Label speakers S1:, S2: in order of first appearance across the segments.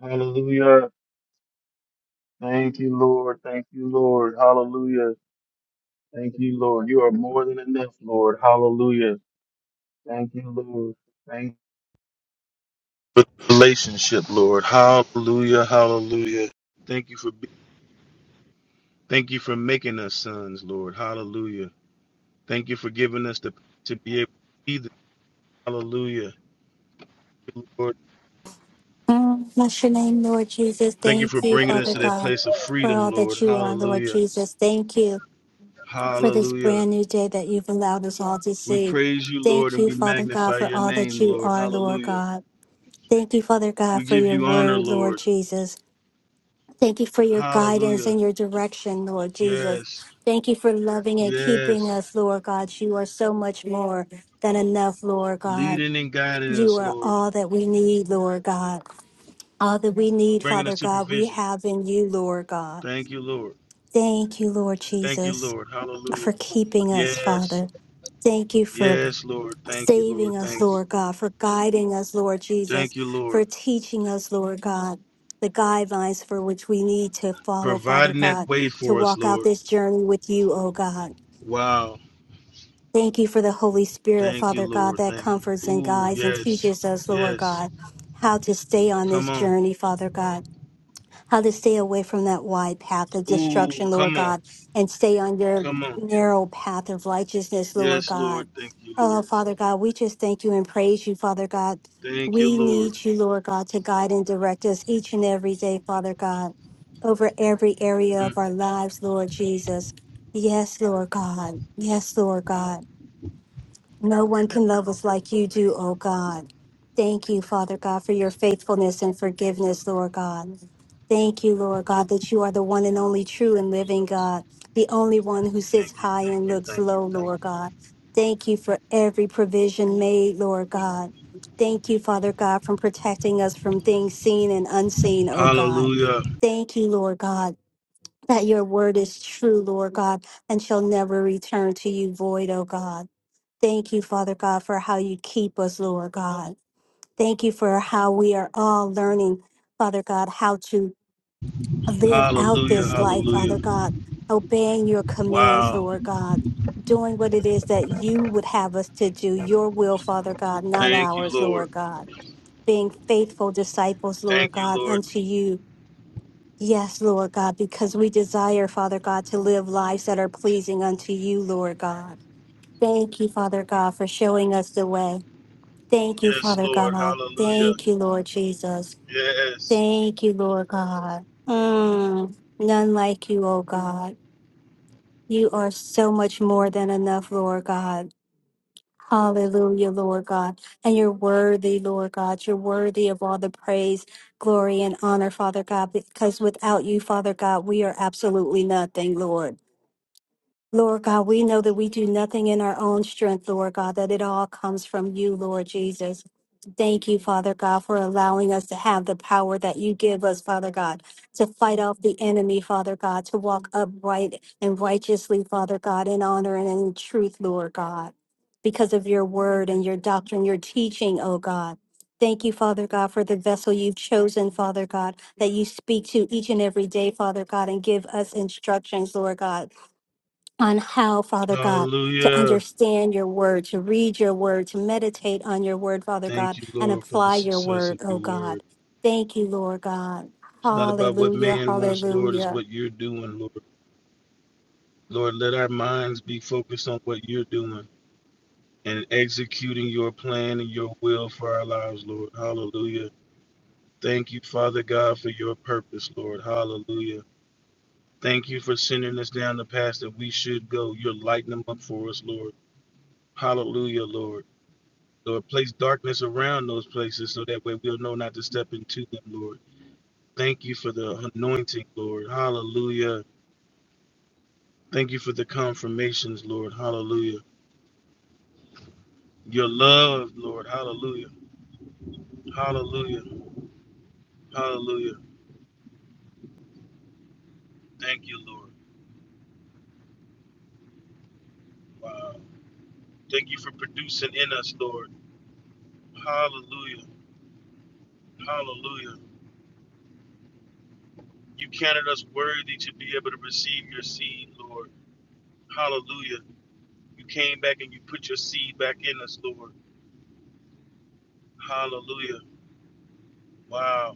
S1: Hallelujah. Thank you, Lord. Thank you, Lord. Hallelujah. Thank you, Lord. You are more than enough, Lord. Hallelujah. Thank you, Lord. Thank you for the relationship, Lord. Hallelujah. Hallelujah. Thank you for be- thank you for making us sons, Lord. Hallelujah. Thank you for giving us the to be able to be the Hallelujah. Lord,
S2: Mm, Bless your name, Lord Jesus.
S1: thank you for
S2: Thank you,
S1: bringing us
S2: Father
S1: to that
S2: God,
S1: place of
S2: for
S1: freedom,
S2: all that
S1: Lord.
S2: you are, Lord
S1: Hallelujah.
S2: Jesus. Thank you for this
S1: Hallelujah.
S2: brand new day that you've allowed us all to
S1: We
S2: see.
S1: praise you, Lord,
S2: Thank
S1: and
S2: you,
S1: we
S2: Father God,
S1: magnify
S2: for
S1: your
S2: all that
S1: name,
S2: you
S1: Lord.
S2: are, Lord
S1: Hallelujah.
S2: God. Thank you, Father God,
S1: We
S2: for
S1: give
S2: your
S1: you honor,
S2: word, Lord
S1: Lord.
S2: Jesus. Thank you for your guidance
S1: Hallelujah.
S2: and your direction, Lord Jesus.
S1: Yes.
S2: Thank you for loving and keeping
S1: Yes.
S2: us, Lord God. You are so much more than enough, Lord God.
S1: Leading and guiding
S2: You
S1: us,
S2: are
S1: Lord.
S2: all that we need, Lord God. All that we need,
S1: Bringing us
S2: Father
S1: to
S2: God, we
S1: provision.
S2: have in you, Lord God.
S1: Thank you, Lord.
S2: Thank you, Lord
S1: Thank you,
S2: Jesus,
S1: Lord.
S2: for
S1: Hallelujah.
S2: keeping us,
S1: Yes.
S2: Father. Thank you for
S1: Yes, Lord. Thank you, Lord.
S2: saving us,
S1: Thank you.
S2: Lord God, for guiding us, Lord Jesus,
S1: Thank you,
S2: for
S1: Lord.
S2: teaching us, Lord God, the guidelines for which we need to follow, Father
S1: Providing that
S2: God,
S1: way
S2: to
S1: for us,
S2: walk out
S1: Lord.
S2: this journey with you, oh God.
S1: Wow.
S2: Thank you for the Holy Spirit,
S1: Thank you,
S2: Father God,
S1: Lord.
S2: that
S1: Thank
S2: comforts
S1: you.
S2: and
S1: Ooh,
S2: guides and
S1: yes.
S2: teaches us, Lord
S1: Yes.
S2: God, how to stay on
S1: Come
S2: this
S1: on.
S2: journey, Father God. how to stay away from that wide path of
S1: Ooh,
S2: destruction, Lord
S1: come on.
S2: God, and stay on your
S1: Come on.
S2: narrow path of righteousness, Lord
S1: Yes,
S2: God.
S1: Lord. Thank you,
S2: Oh,
S1: Lord.
S2: Father God, we just thank you and praise you, Father God.
S1: Thank you,
S2: We
S1: Lord.
S2: need you, Lord God, to guide and direct us each and every day, Father God, over every area
S1: Mm.
S2: of our lives, Lord Jesus. Yes, Lord God. Yes, Lord God. No one can love us like you do, oh God. Thank you, Father God, for your faithfulness and forgiveness, Lord God. Thank you, Lord God, that you are the one and only true and living God, the only one who sits
S1: Thank you.
S2: high
S1: Thank
S2: and
S1: you.
S2: looks
S1: Thank you.
S2: low,
S1: Thank
S2: Lord
S1: you.
S2: God. Thank you for every provision made, Lord God. Thank you, Father God, for protecting us from things seen and unseen, oh God.
S1: Hallelujah.
S2: Thank you, Lord God, that your word is true, Lord God, and shall never return to you void, oh God. Thank you, Father God, for how you keep us, Lord God. Thank you for how we are all learning, Father God, how to live out
S1: Hallelujah.
S2: this life, Father
S1: Hallelujah.
S2: God, obeying your commands,
S1: Wow.
S2: Lord God, doing what it is that you would have us to do, your will, Father God, not
S1: Thank you,
S2: ours,
S1: Lord.
S2: Lord God. Being faithful disciples, Lord
S1: Thank you,
S2: God,
S1: Lord.
S2: unto you. Yes, Lord God, because we desire, Father God, to live lives that are pleasing unto you, Lord God. Thank you, Father God, for showing us the way. Thank you,
S1: Yes,
S2: Father
S1: Lord.
S2: God.
S1: Hallelujah.
S2: Thank you, Lord Jesus.
S1: Yes.
S2: Thank you, Lord God. Mm, none like you, oh God. You are so much more than enough, Lord God. Hallelujah, Lord God. And you're worthy, Lord God. You're worthy of all the praise, glory, and honor, Father God, because without you, Father God, we are absolutely nothing, Lord. Lord God, we know that we do nothing in our own strength, Lord God, that it all comes from you, Lord Jesus. Thank you, Father God, for allowing us to have the power that you give us, Father God, to fight off the enemy, Father God, to walk upright and righteously, Father God, in honor and in truth, Lord God, because of your word and your doctrine, your teaching, oh God. Thank you, Father God, for the vessel you've chosen, Father God, that you speak to each and every day, Father God, and give us instructions, Lord God on how, Father God, to
S1: Hallelujah.
S2: understand your word, to read your word, to meditate on your word, Father
S1: Thank
S2: God,
S1: you,
S2: and
S1: Lord, for the
S2: apply your
S1: success
S2: word,
S1: of
S2: oh
S1: your
S2: God.
S1: word.
S2: Thank you, Lord God.
S1: It's not about what
S2: Hallelujah,
S1: man wants, Lord, it's
S2: hallelujah.
S1: what you're doing, Lord. Lord, let our minds be focused on what you're doing and executing your plan and your will for our lives, Lord. Hallelujah. Thank you, Father God, for your purpose, Lord. Hallelujah. Thank you for sending us down the path that we should go. You're lighting them up for us, Lord. Hallelujah, Lord. Lord, place darkness around those places so that way we'll know not to step into them, Lord. Thank you for the anointing, Lord. Hallelujah. Thank you for the confirmations, Lord. Hallelujah. Your love, Lord. Hallelujah. Hallelujah. Hallelujah. Thank you, Lord. Wow. Thank you for producing in us, Lord. Hallelujah. Hallelujah. You counted us worthy to be able to receive your seed, Lord. Hallelujah. You came back and you put your seed back in us, Lord. Hallelujah. Wow.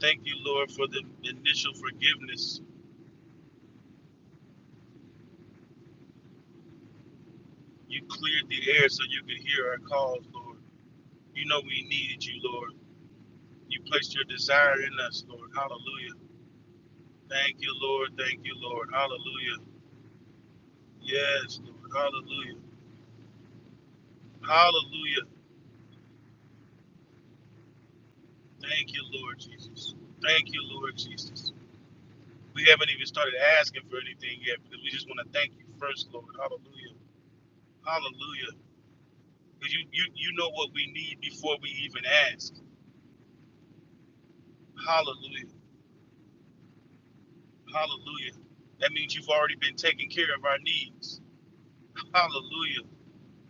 S1: Thank you, Lord, for the initial forgiveness. You cleared the air so you could hear our calls, Lord. You know we needed you, Lord. You placed your desire in us, Lord. Hallelujah. Thank you, Lord. Thank you, Lord. Hallelujah. Yes, Lord. Hallelujah. Hallelujah. Thank you, Lord Jesus. Thank you, Lord Jesus. We haven't even started asking for anything yet because we just want to thank you first, Lord. Hallelujah. Hallelujah. Because you, you, you know what we need before we even ask. Hallelujah. Hallelujah. That means you've already been taking care of our needs. Hallelujah.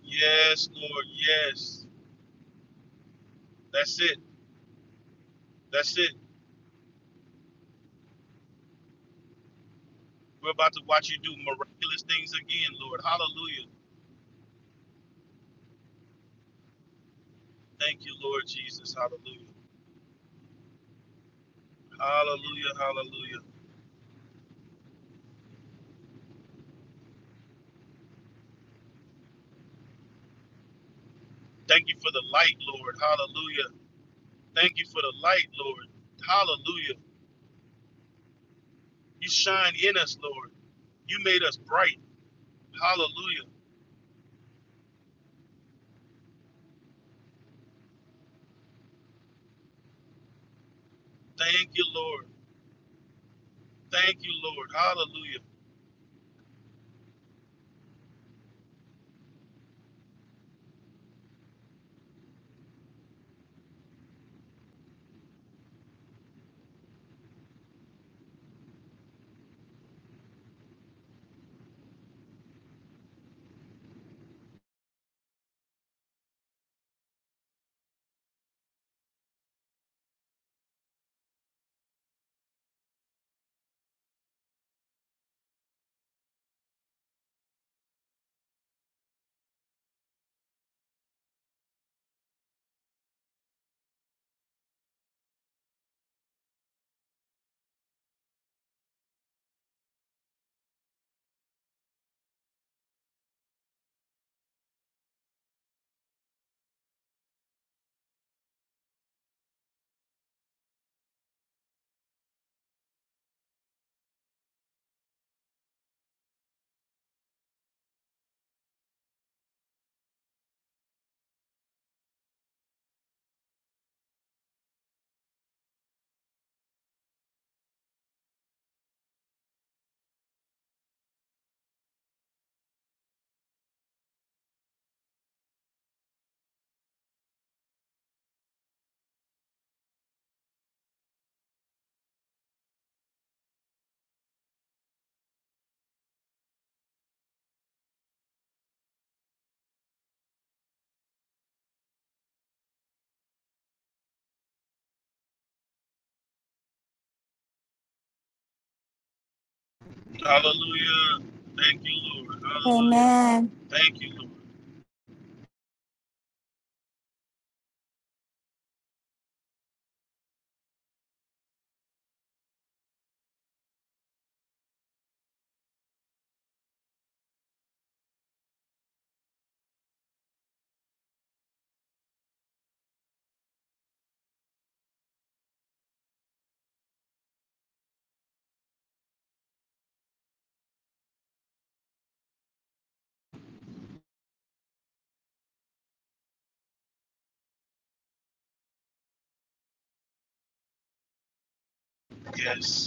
S1: Yes, Lord. Yes. That's it. That's it. We're about to watch you do miraculous things again, Lord. Hallelujah. Thank you, Lord Jesus. Hallelujah. Hallelujah. Hallelujah. Thank you for the light, Lord. Hallelujah. Thank you for the light, Lord. Hallelujah. You shine in us, Lord. You made us bright. Hallelujah. Thank you, Lord. Thank you, Lord. Hallelujah. Hallelujah. Thank you, Lord. Hallelujah.
S2: Amen.
S1: Thank you, Lord. Yes.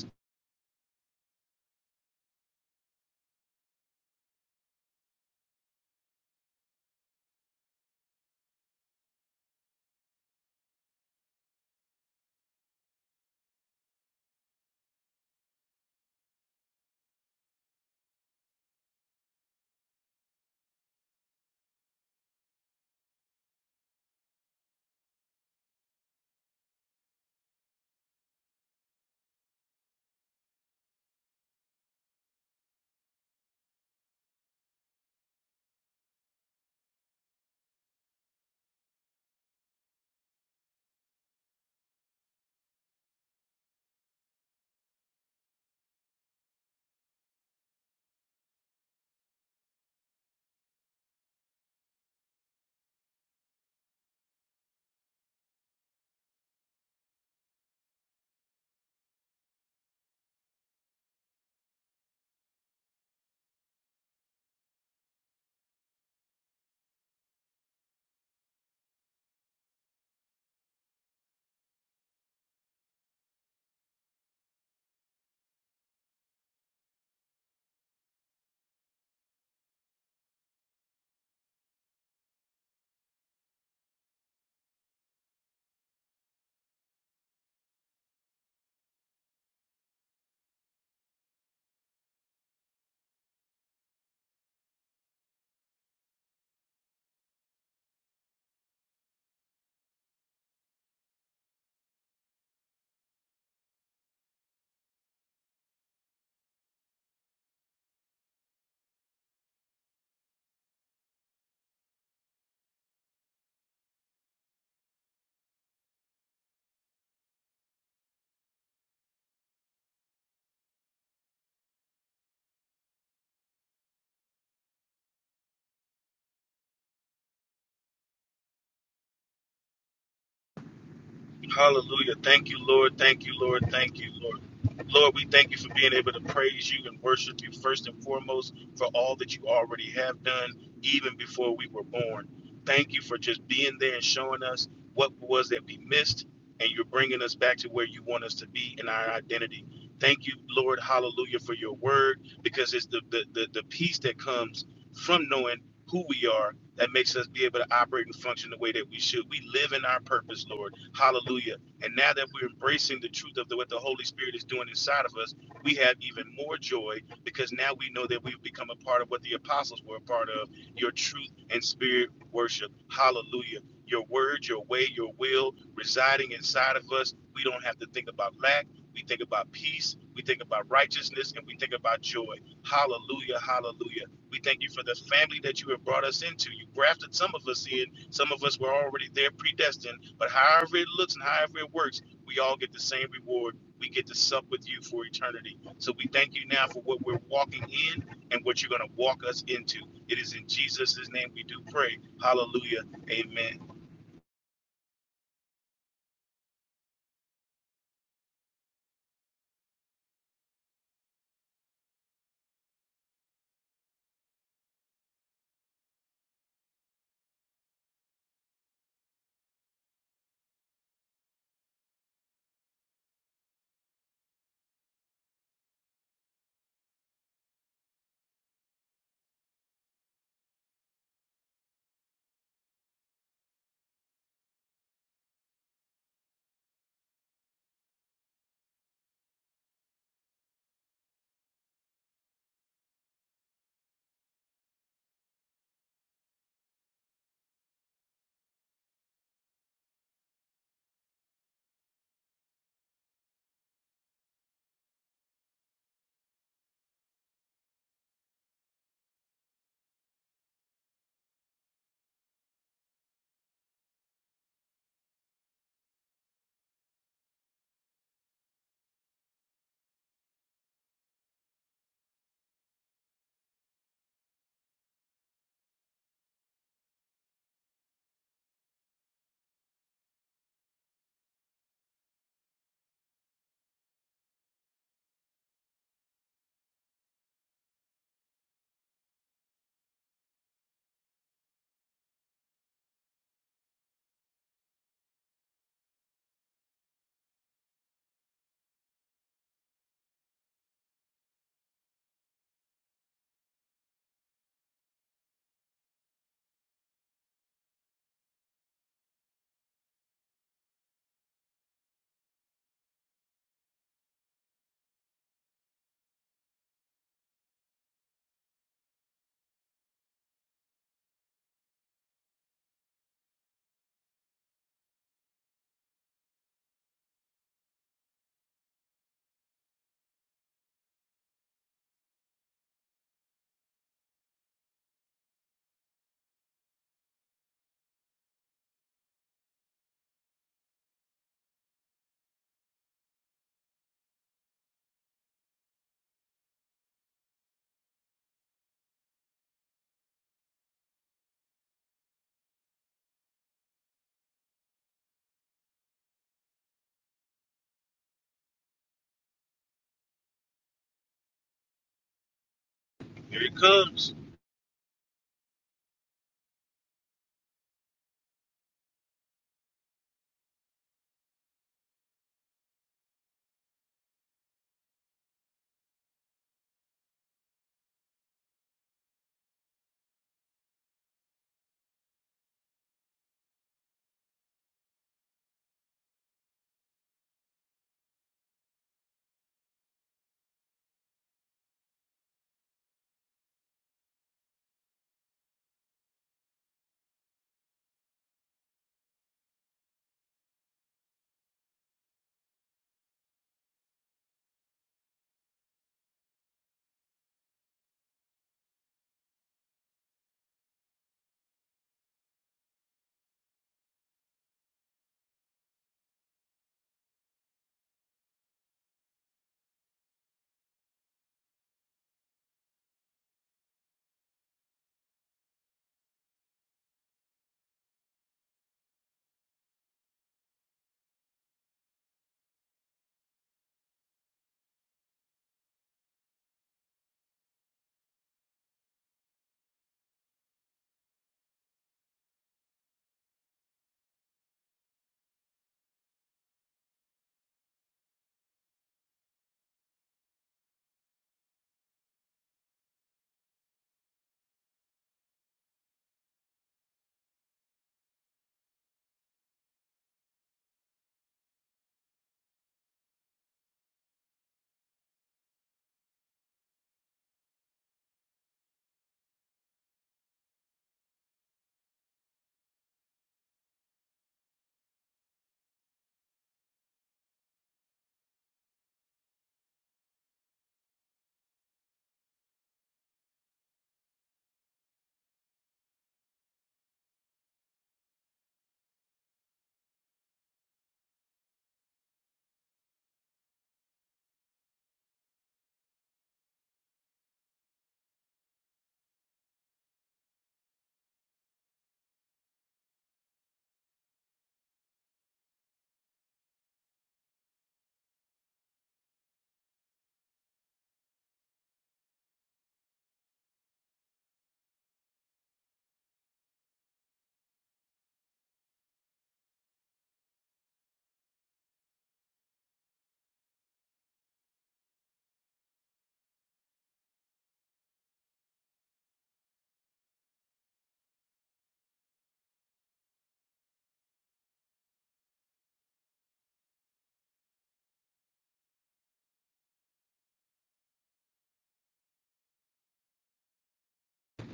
S1: Hallelujah. Thank you, Lord. Thank you, Lord. Thank you, Lord. Lord, we thank you for being able to praise you and worship you first and foremost for all that you already have done even before we were born. Thank you for just being there and showing us what it was that we missed, and you're bringing us back to where you want us to be in our identity. Thank you, Lord. Hallelujah for your word because it's the, the, the, the peace that comes from knowing who we are that makes us be able to operate and function the way that we should. We live in our purpose, Lord. Hallelujah. And now that we're embracing the truth of the, what the Holy Spirit is doing inside of us, we have even more joy because now we know that we've become a part of what the apostles were a part of your truth and spirit worship. Hallelujah. Your word, your way, your will residing inside of us. We don't have to think about lack. We think about peace. We think about righteousness and we think about joy. Hallelujah. Hallelujah. We thank you for the family that you have brought us into. You grafted some of us in. Some of us were already there predestined. But however it looks and however it works, we all get the same reward. We get to sup with you for eternity. So we thank you now for what we're walking in and what you're going to walk us into. It is in Jesus' name we do pray. Hallelujah. Amen. Here it comes.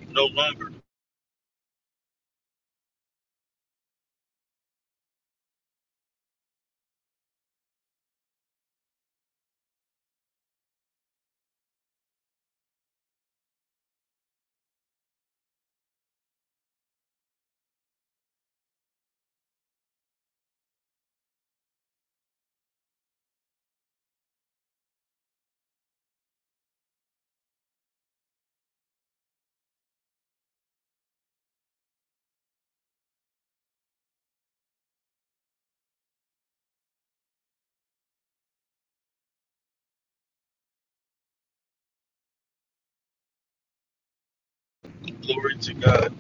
S1: No longer. Glory to God.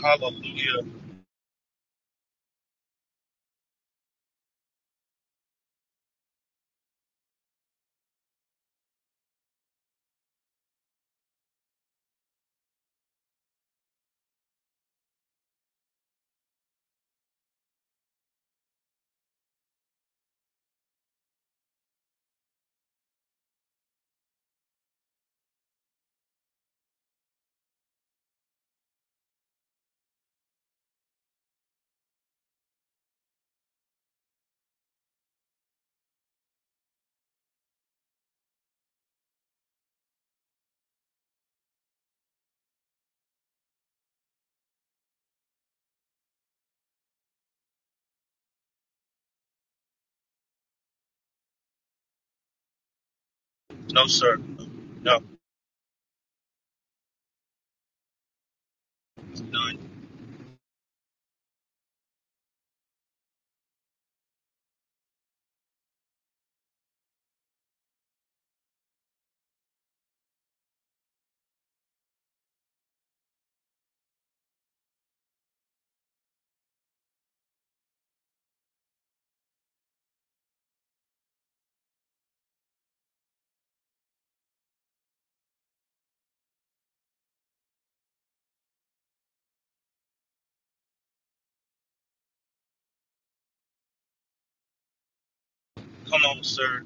S1: Hallelujah. No, sir. No, none. Come on, sir.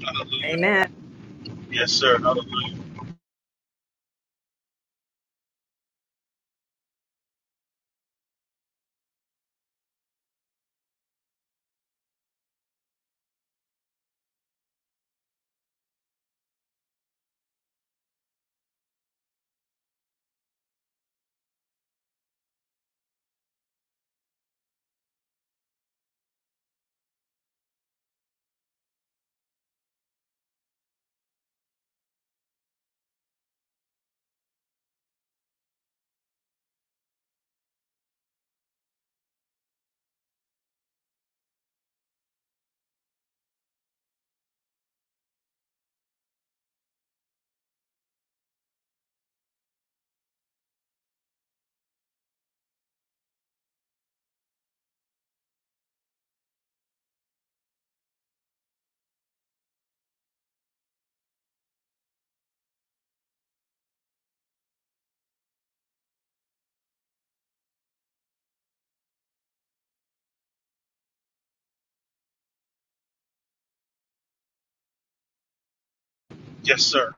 S1: Hallelujah.
S3: Amen.
S1: Yes, sir. Hallelujah. Yes, sir.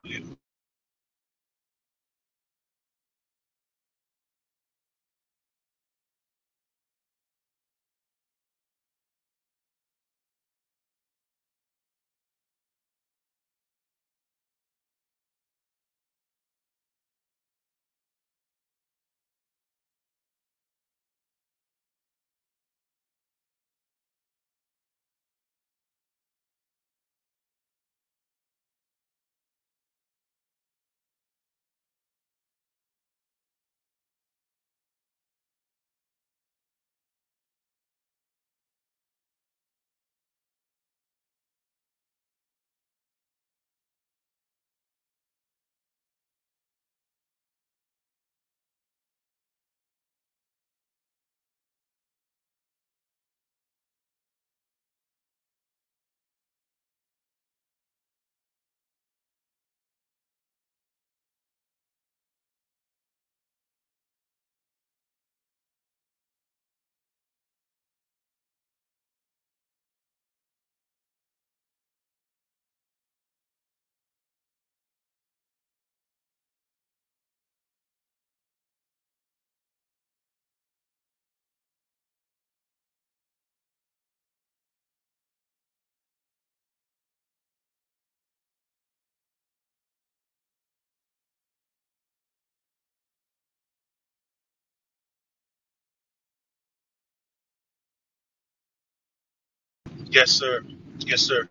S1: Yes, sir. Yes, sir.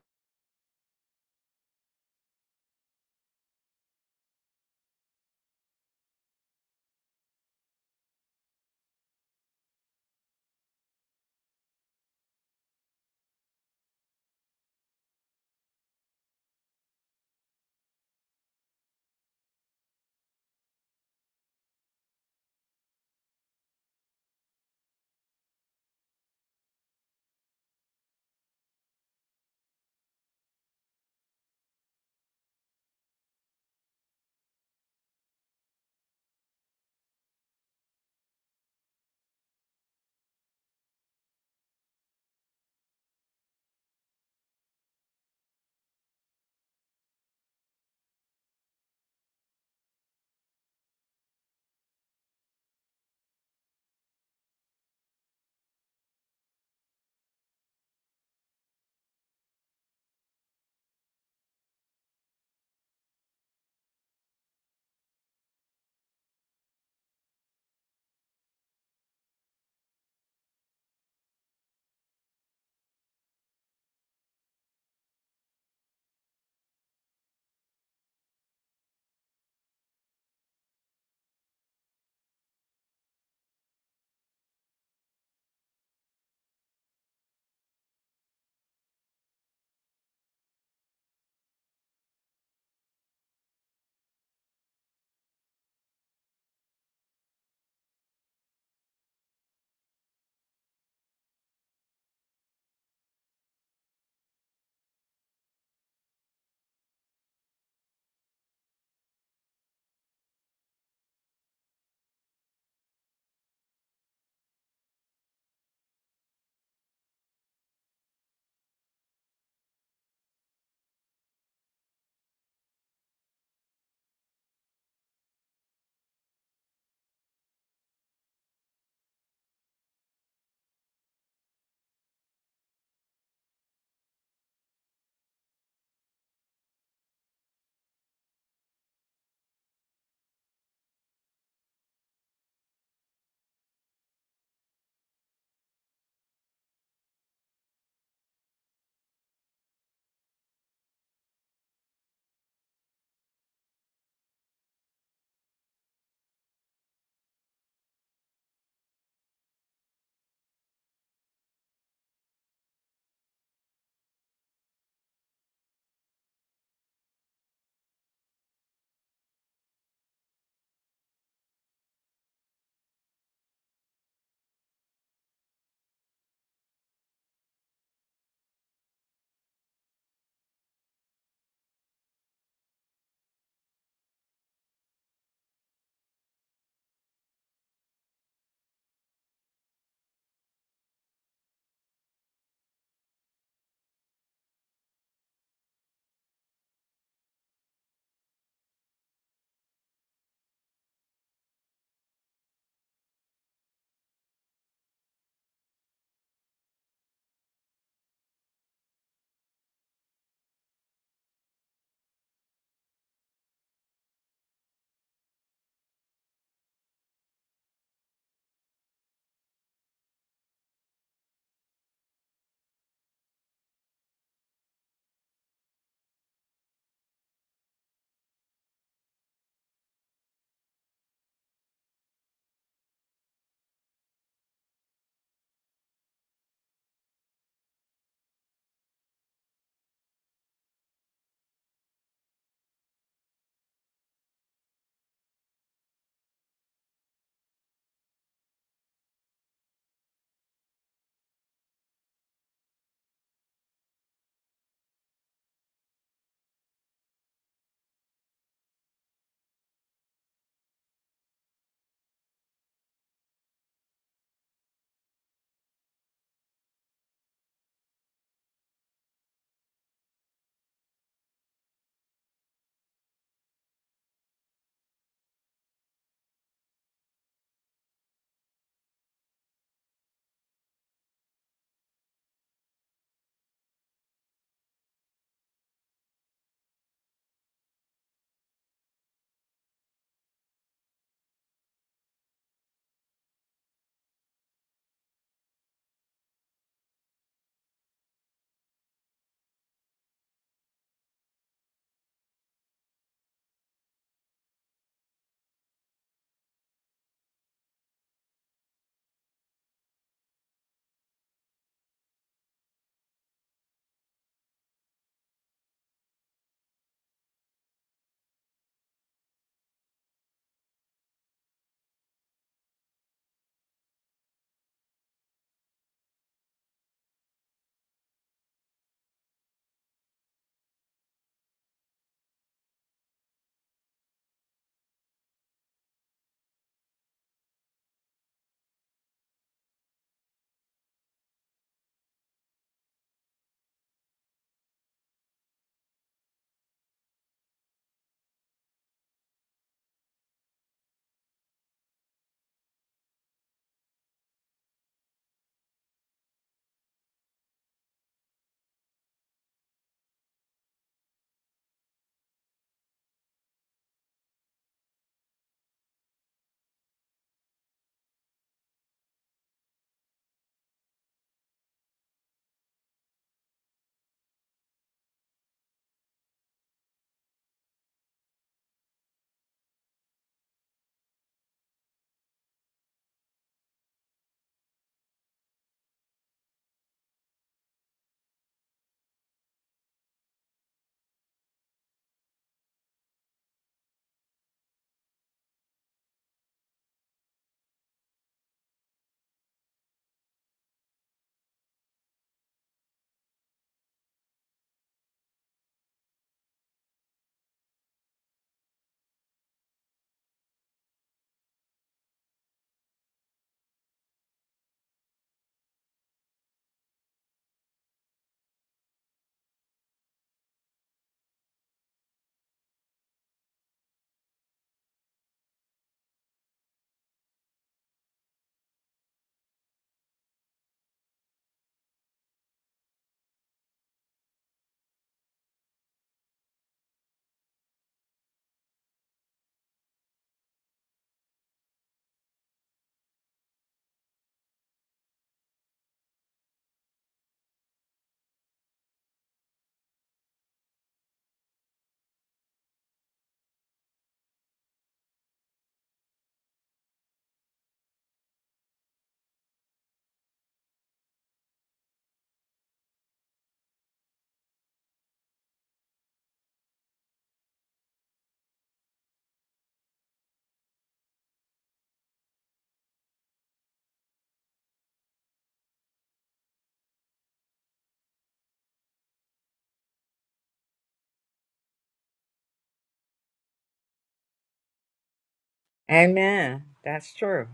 S3: Amen. That's true.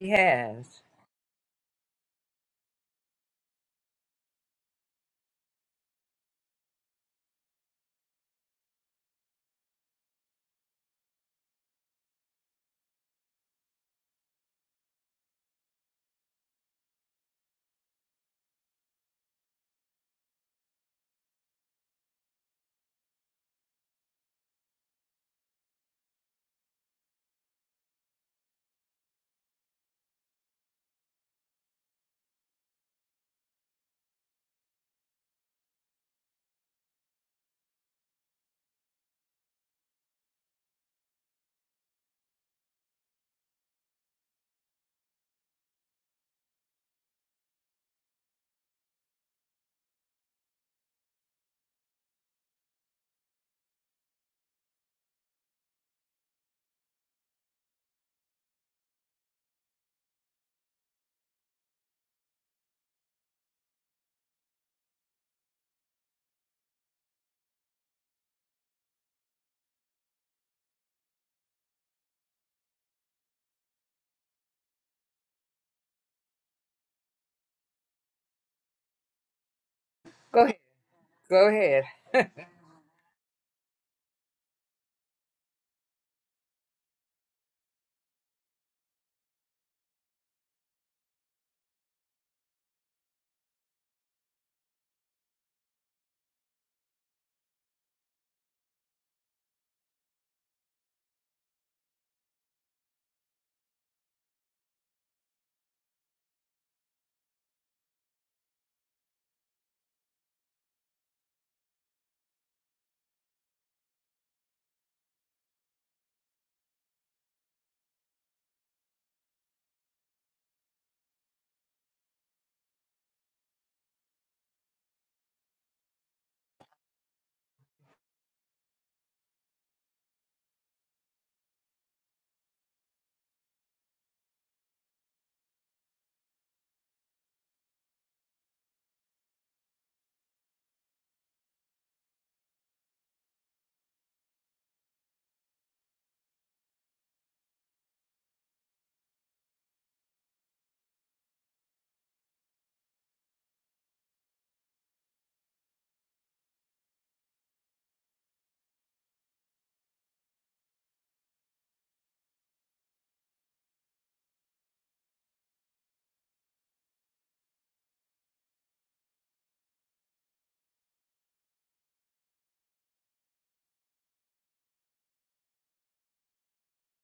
S3: He has. Go ahead. Go ahead.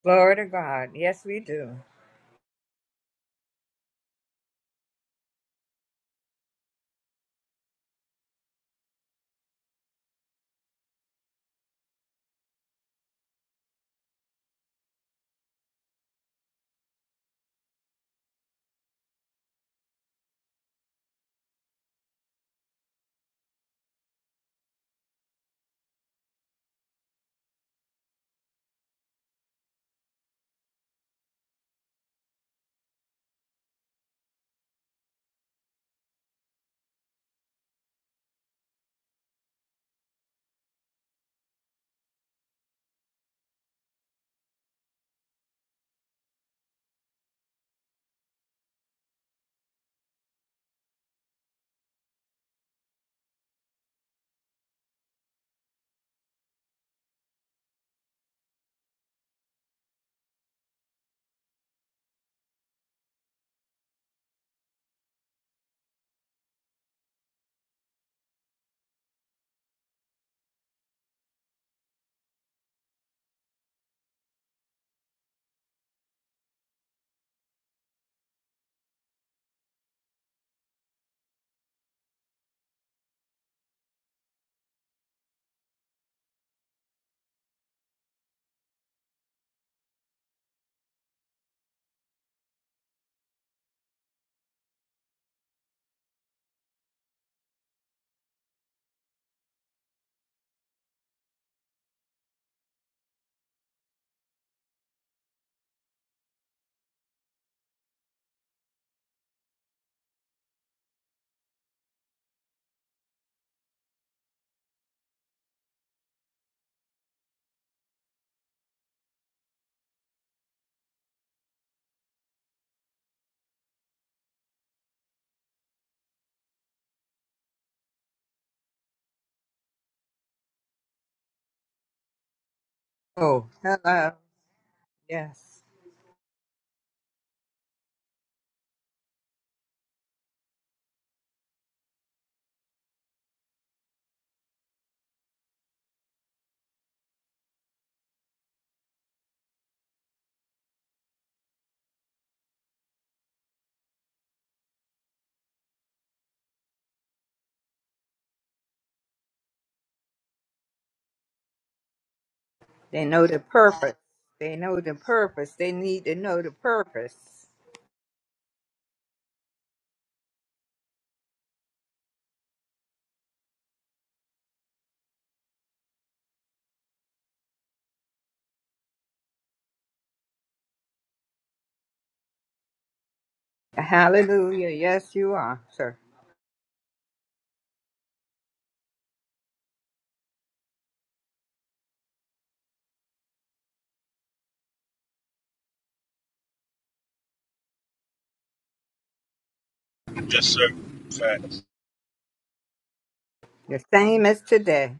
S3: Glory to God. Yes, we do. Oh, hello. Yes. They know the purpose. They know the purpose. They need to know the purpose. Hallelujah. Yes, you are, sir.
S1: Yes, sir. Facts.
S3: The same as today.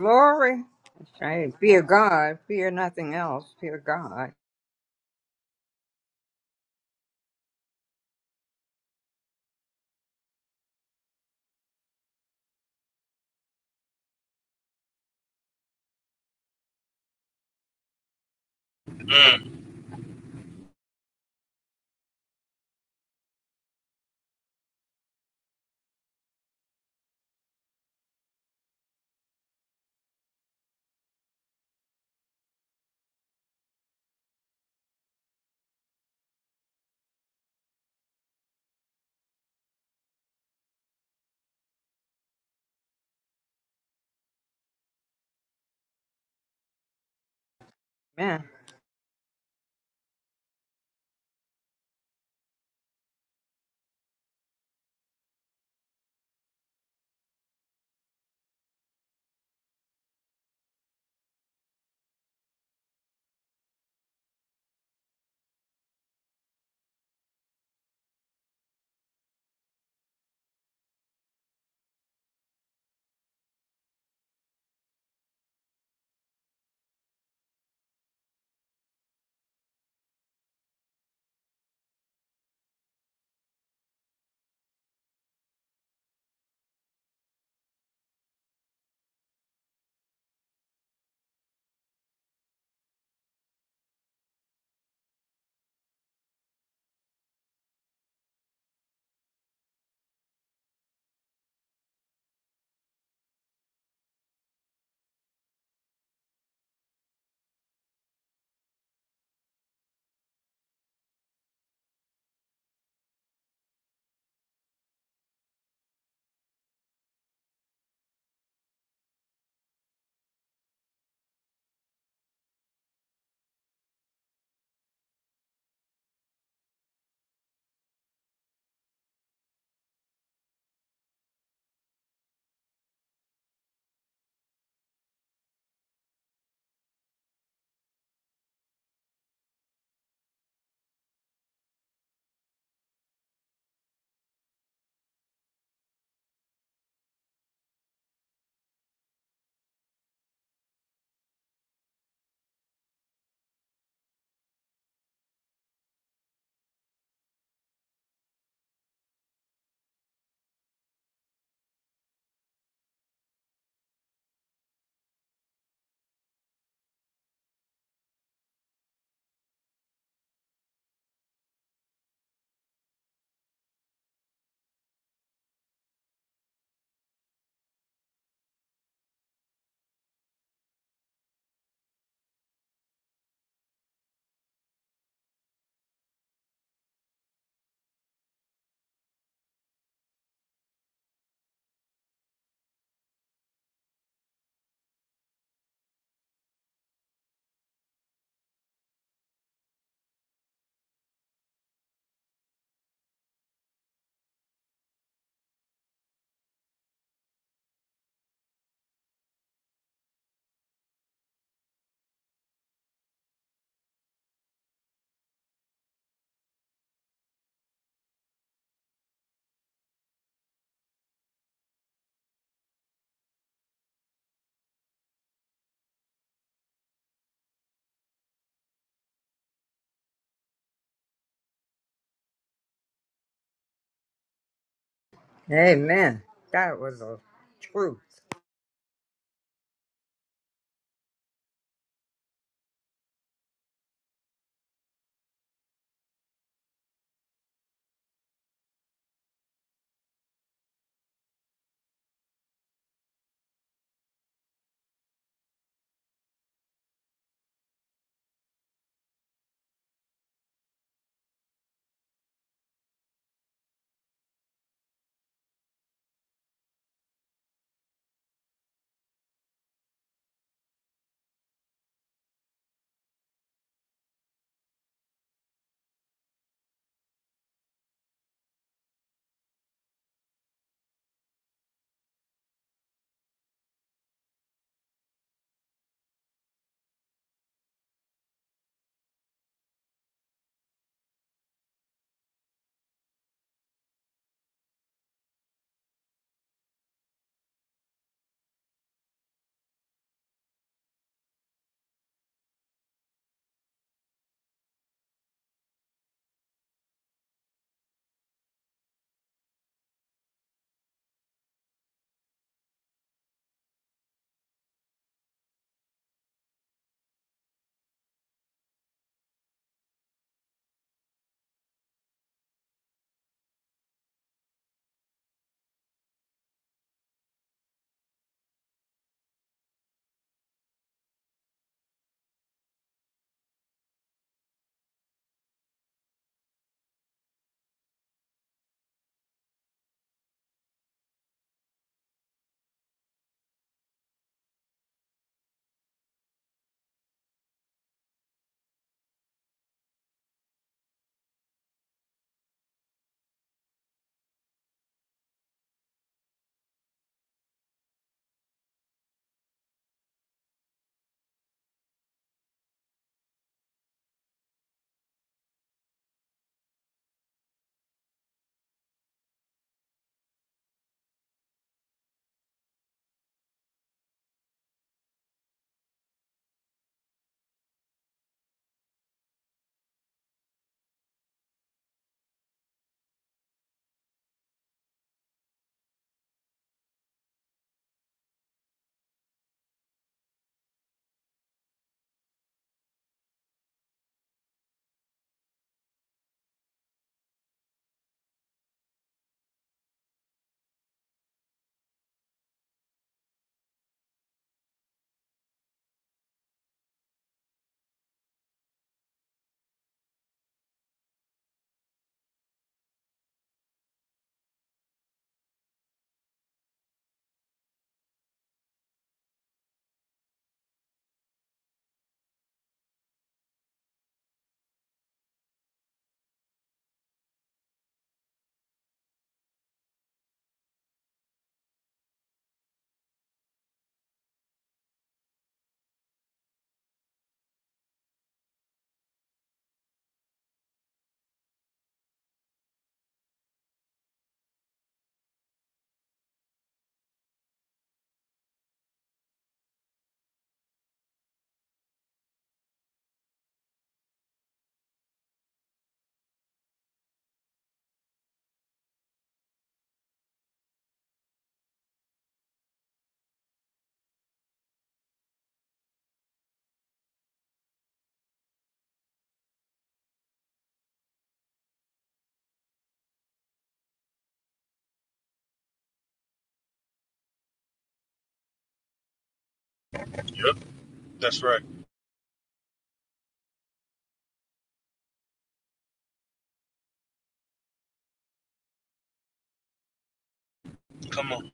S3: Glory. That's right. Fear God. Fear nothing else. Fear God.
S1: Mm,
S3: Amen. Amen. That was a truth.
S1: yep, that's right. Come on.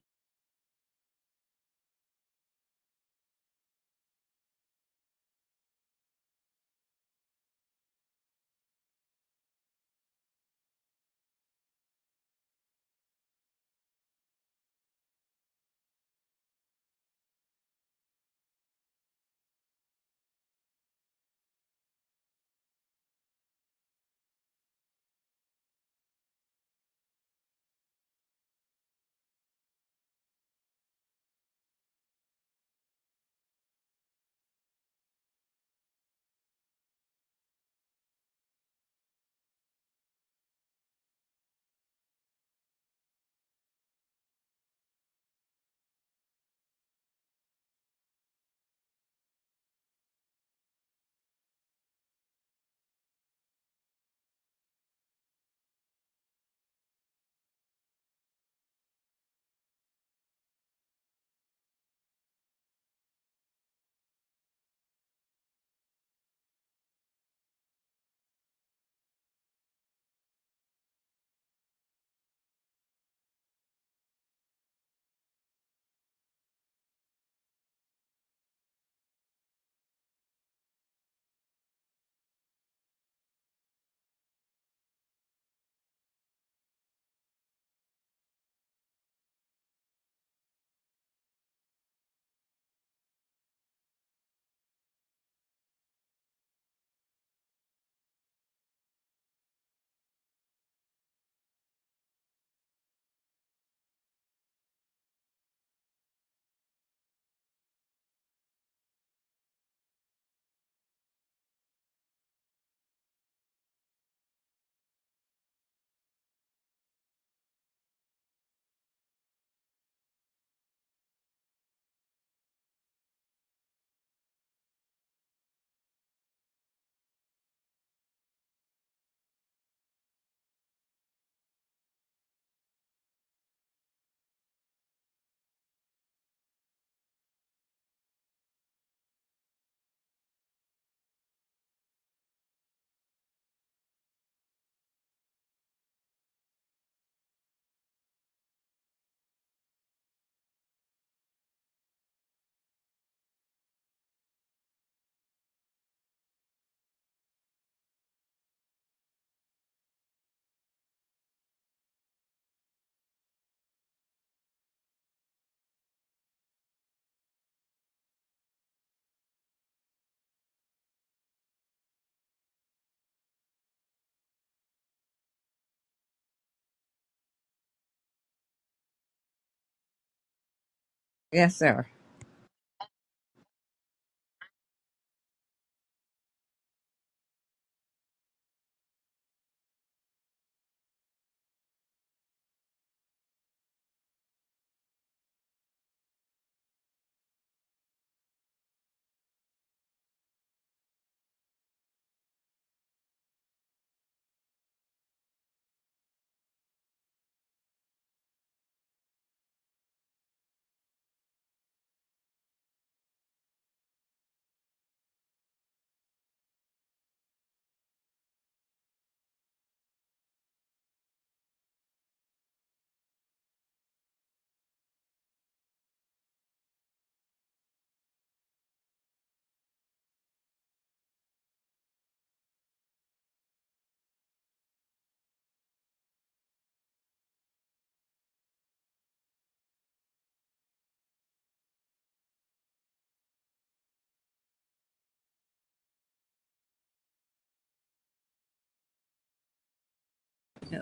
S3: Yes, sir.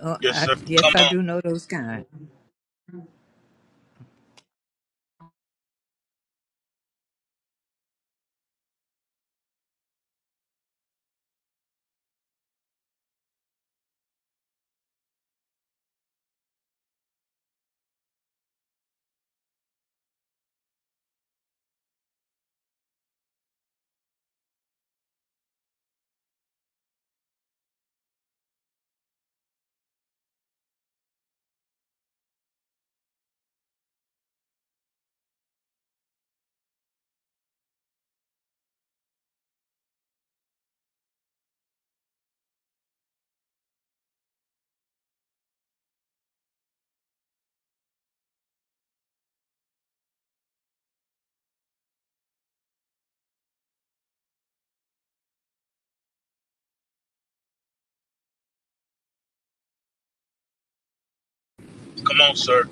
S3: Oh,
S1: Yes,
S3: I,
S1: sir. Come
S3: yes, I do
S1: on.
S3: know those kind.
S1: Come on, sir.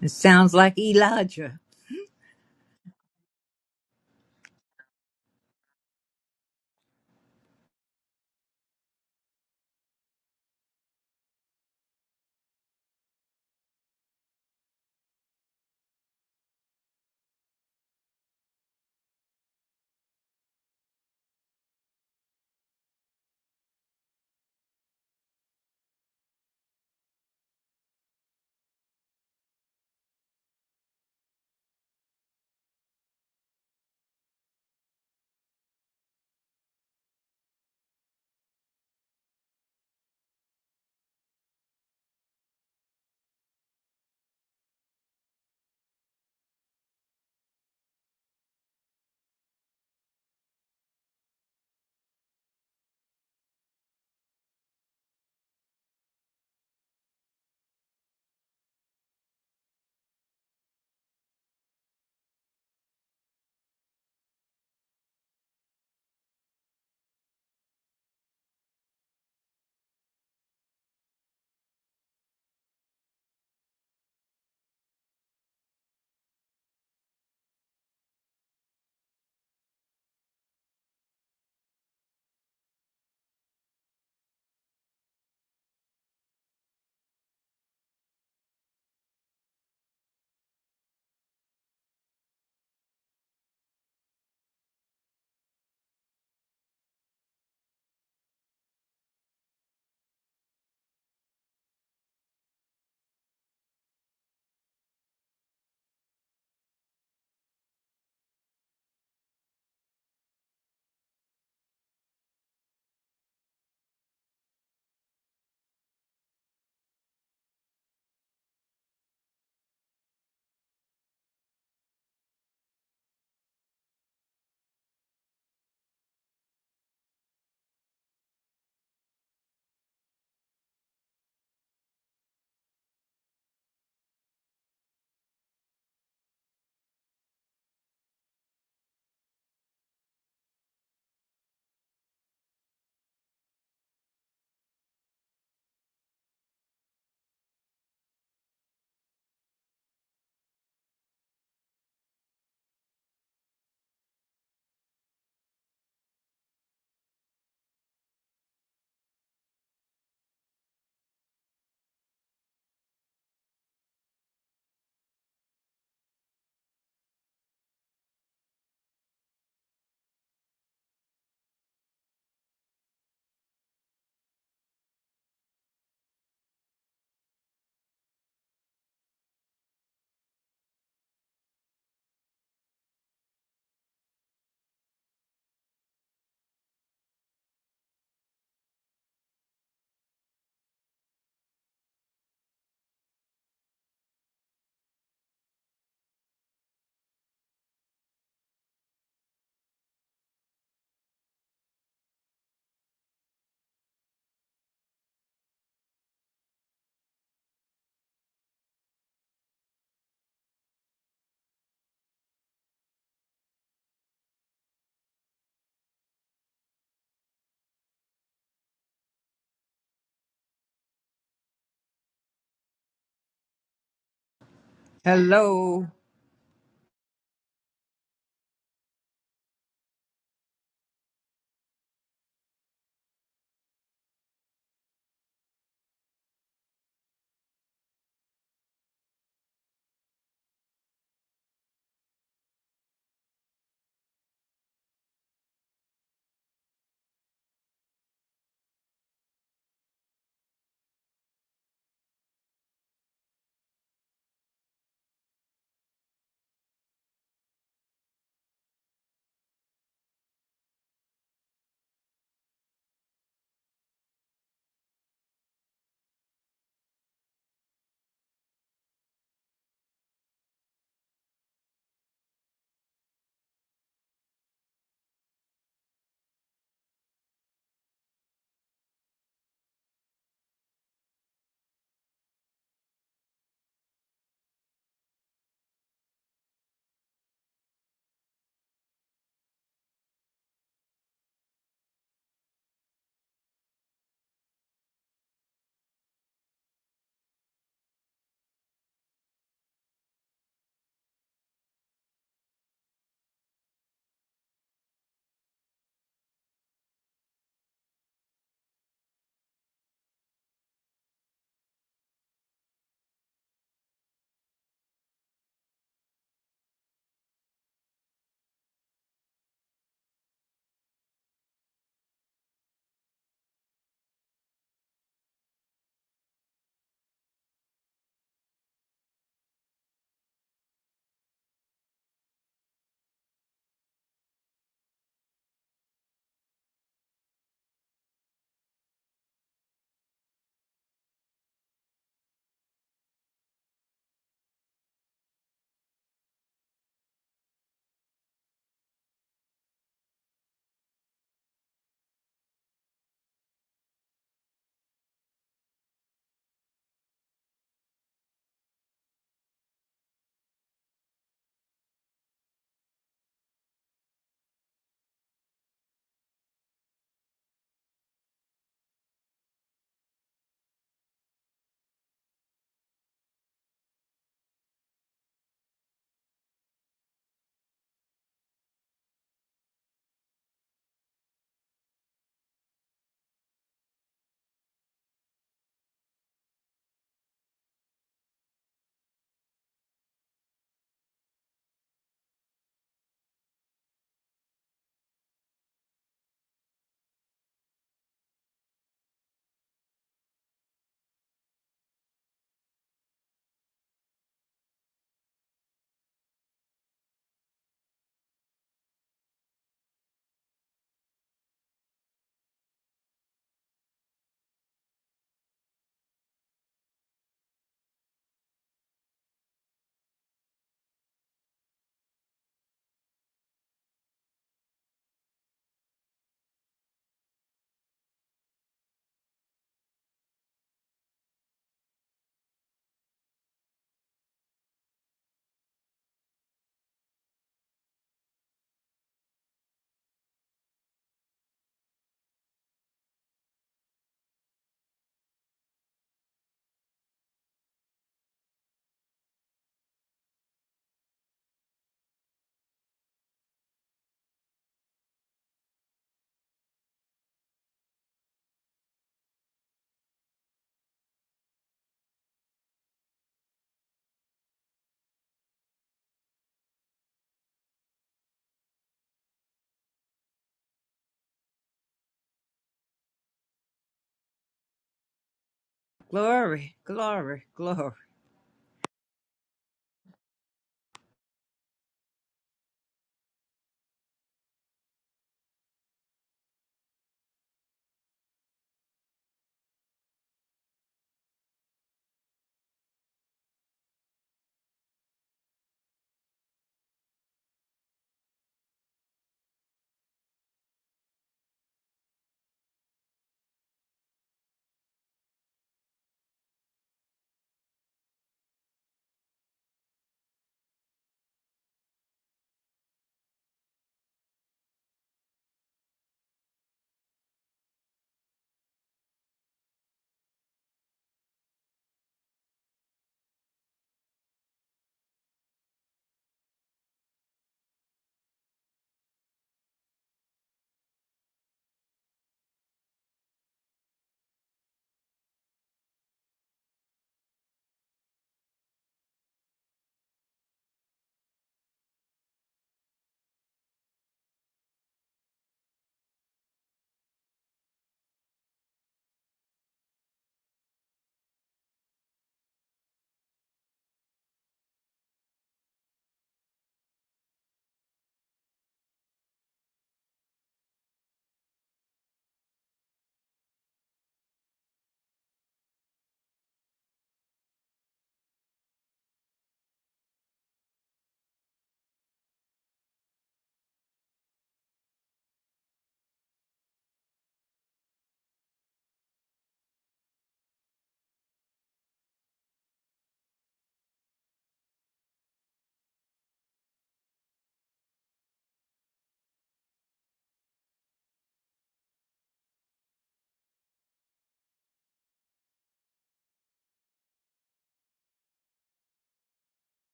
S3: It sounds like Elijah. Hello. Glory, glory, glory.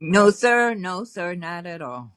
S3: No, sir. No, sir. Not at all.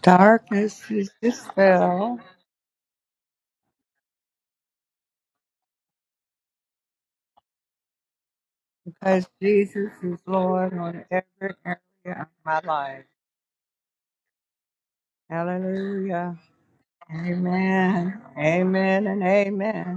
S3: Darkness is dispelled because Jesus is Lord on every area of my life. Hallelujah. Amen. Amen and amen.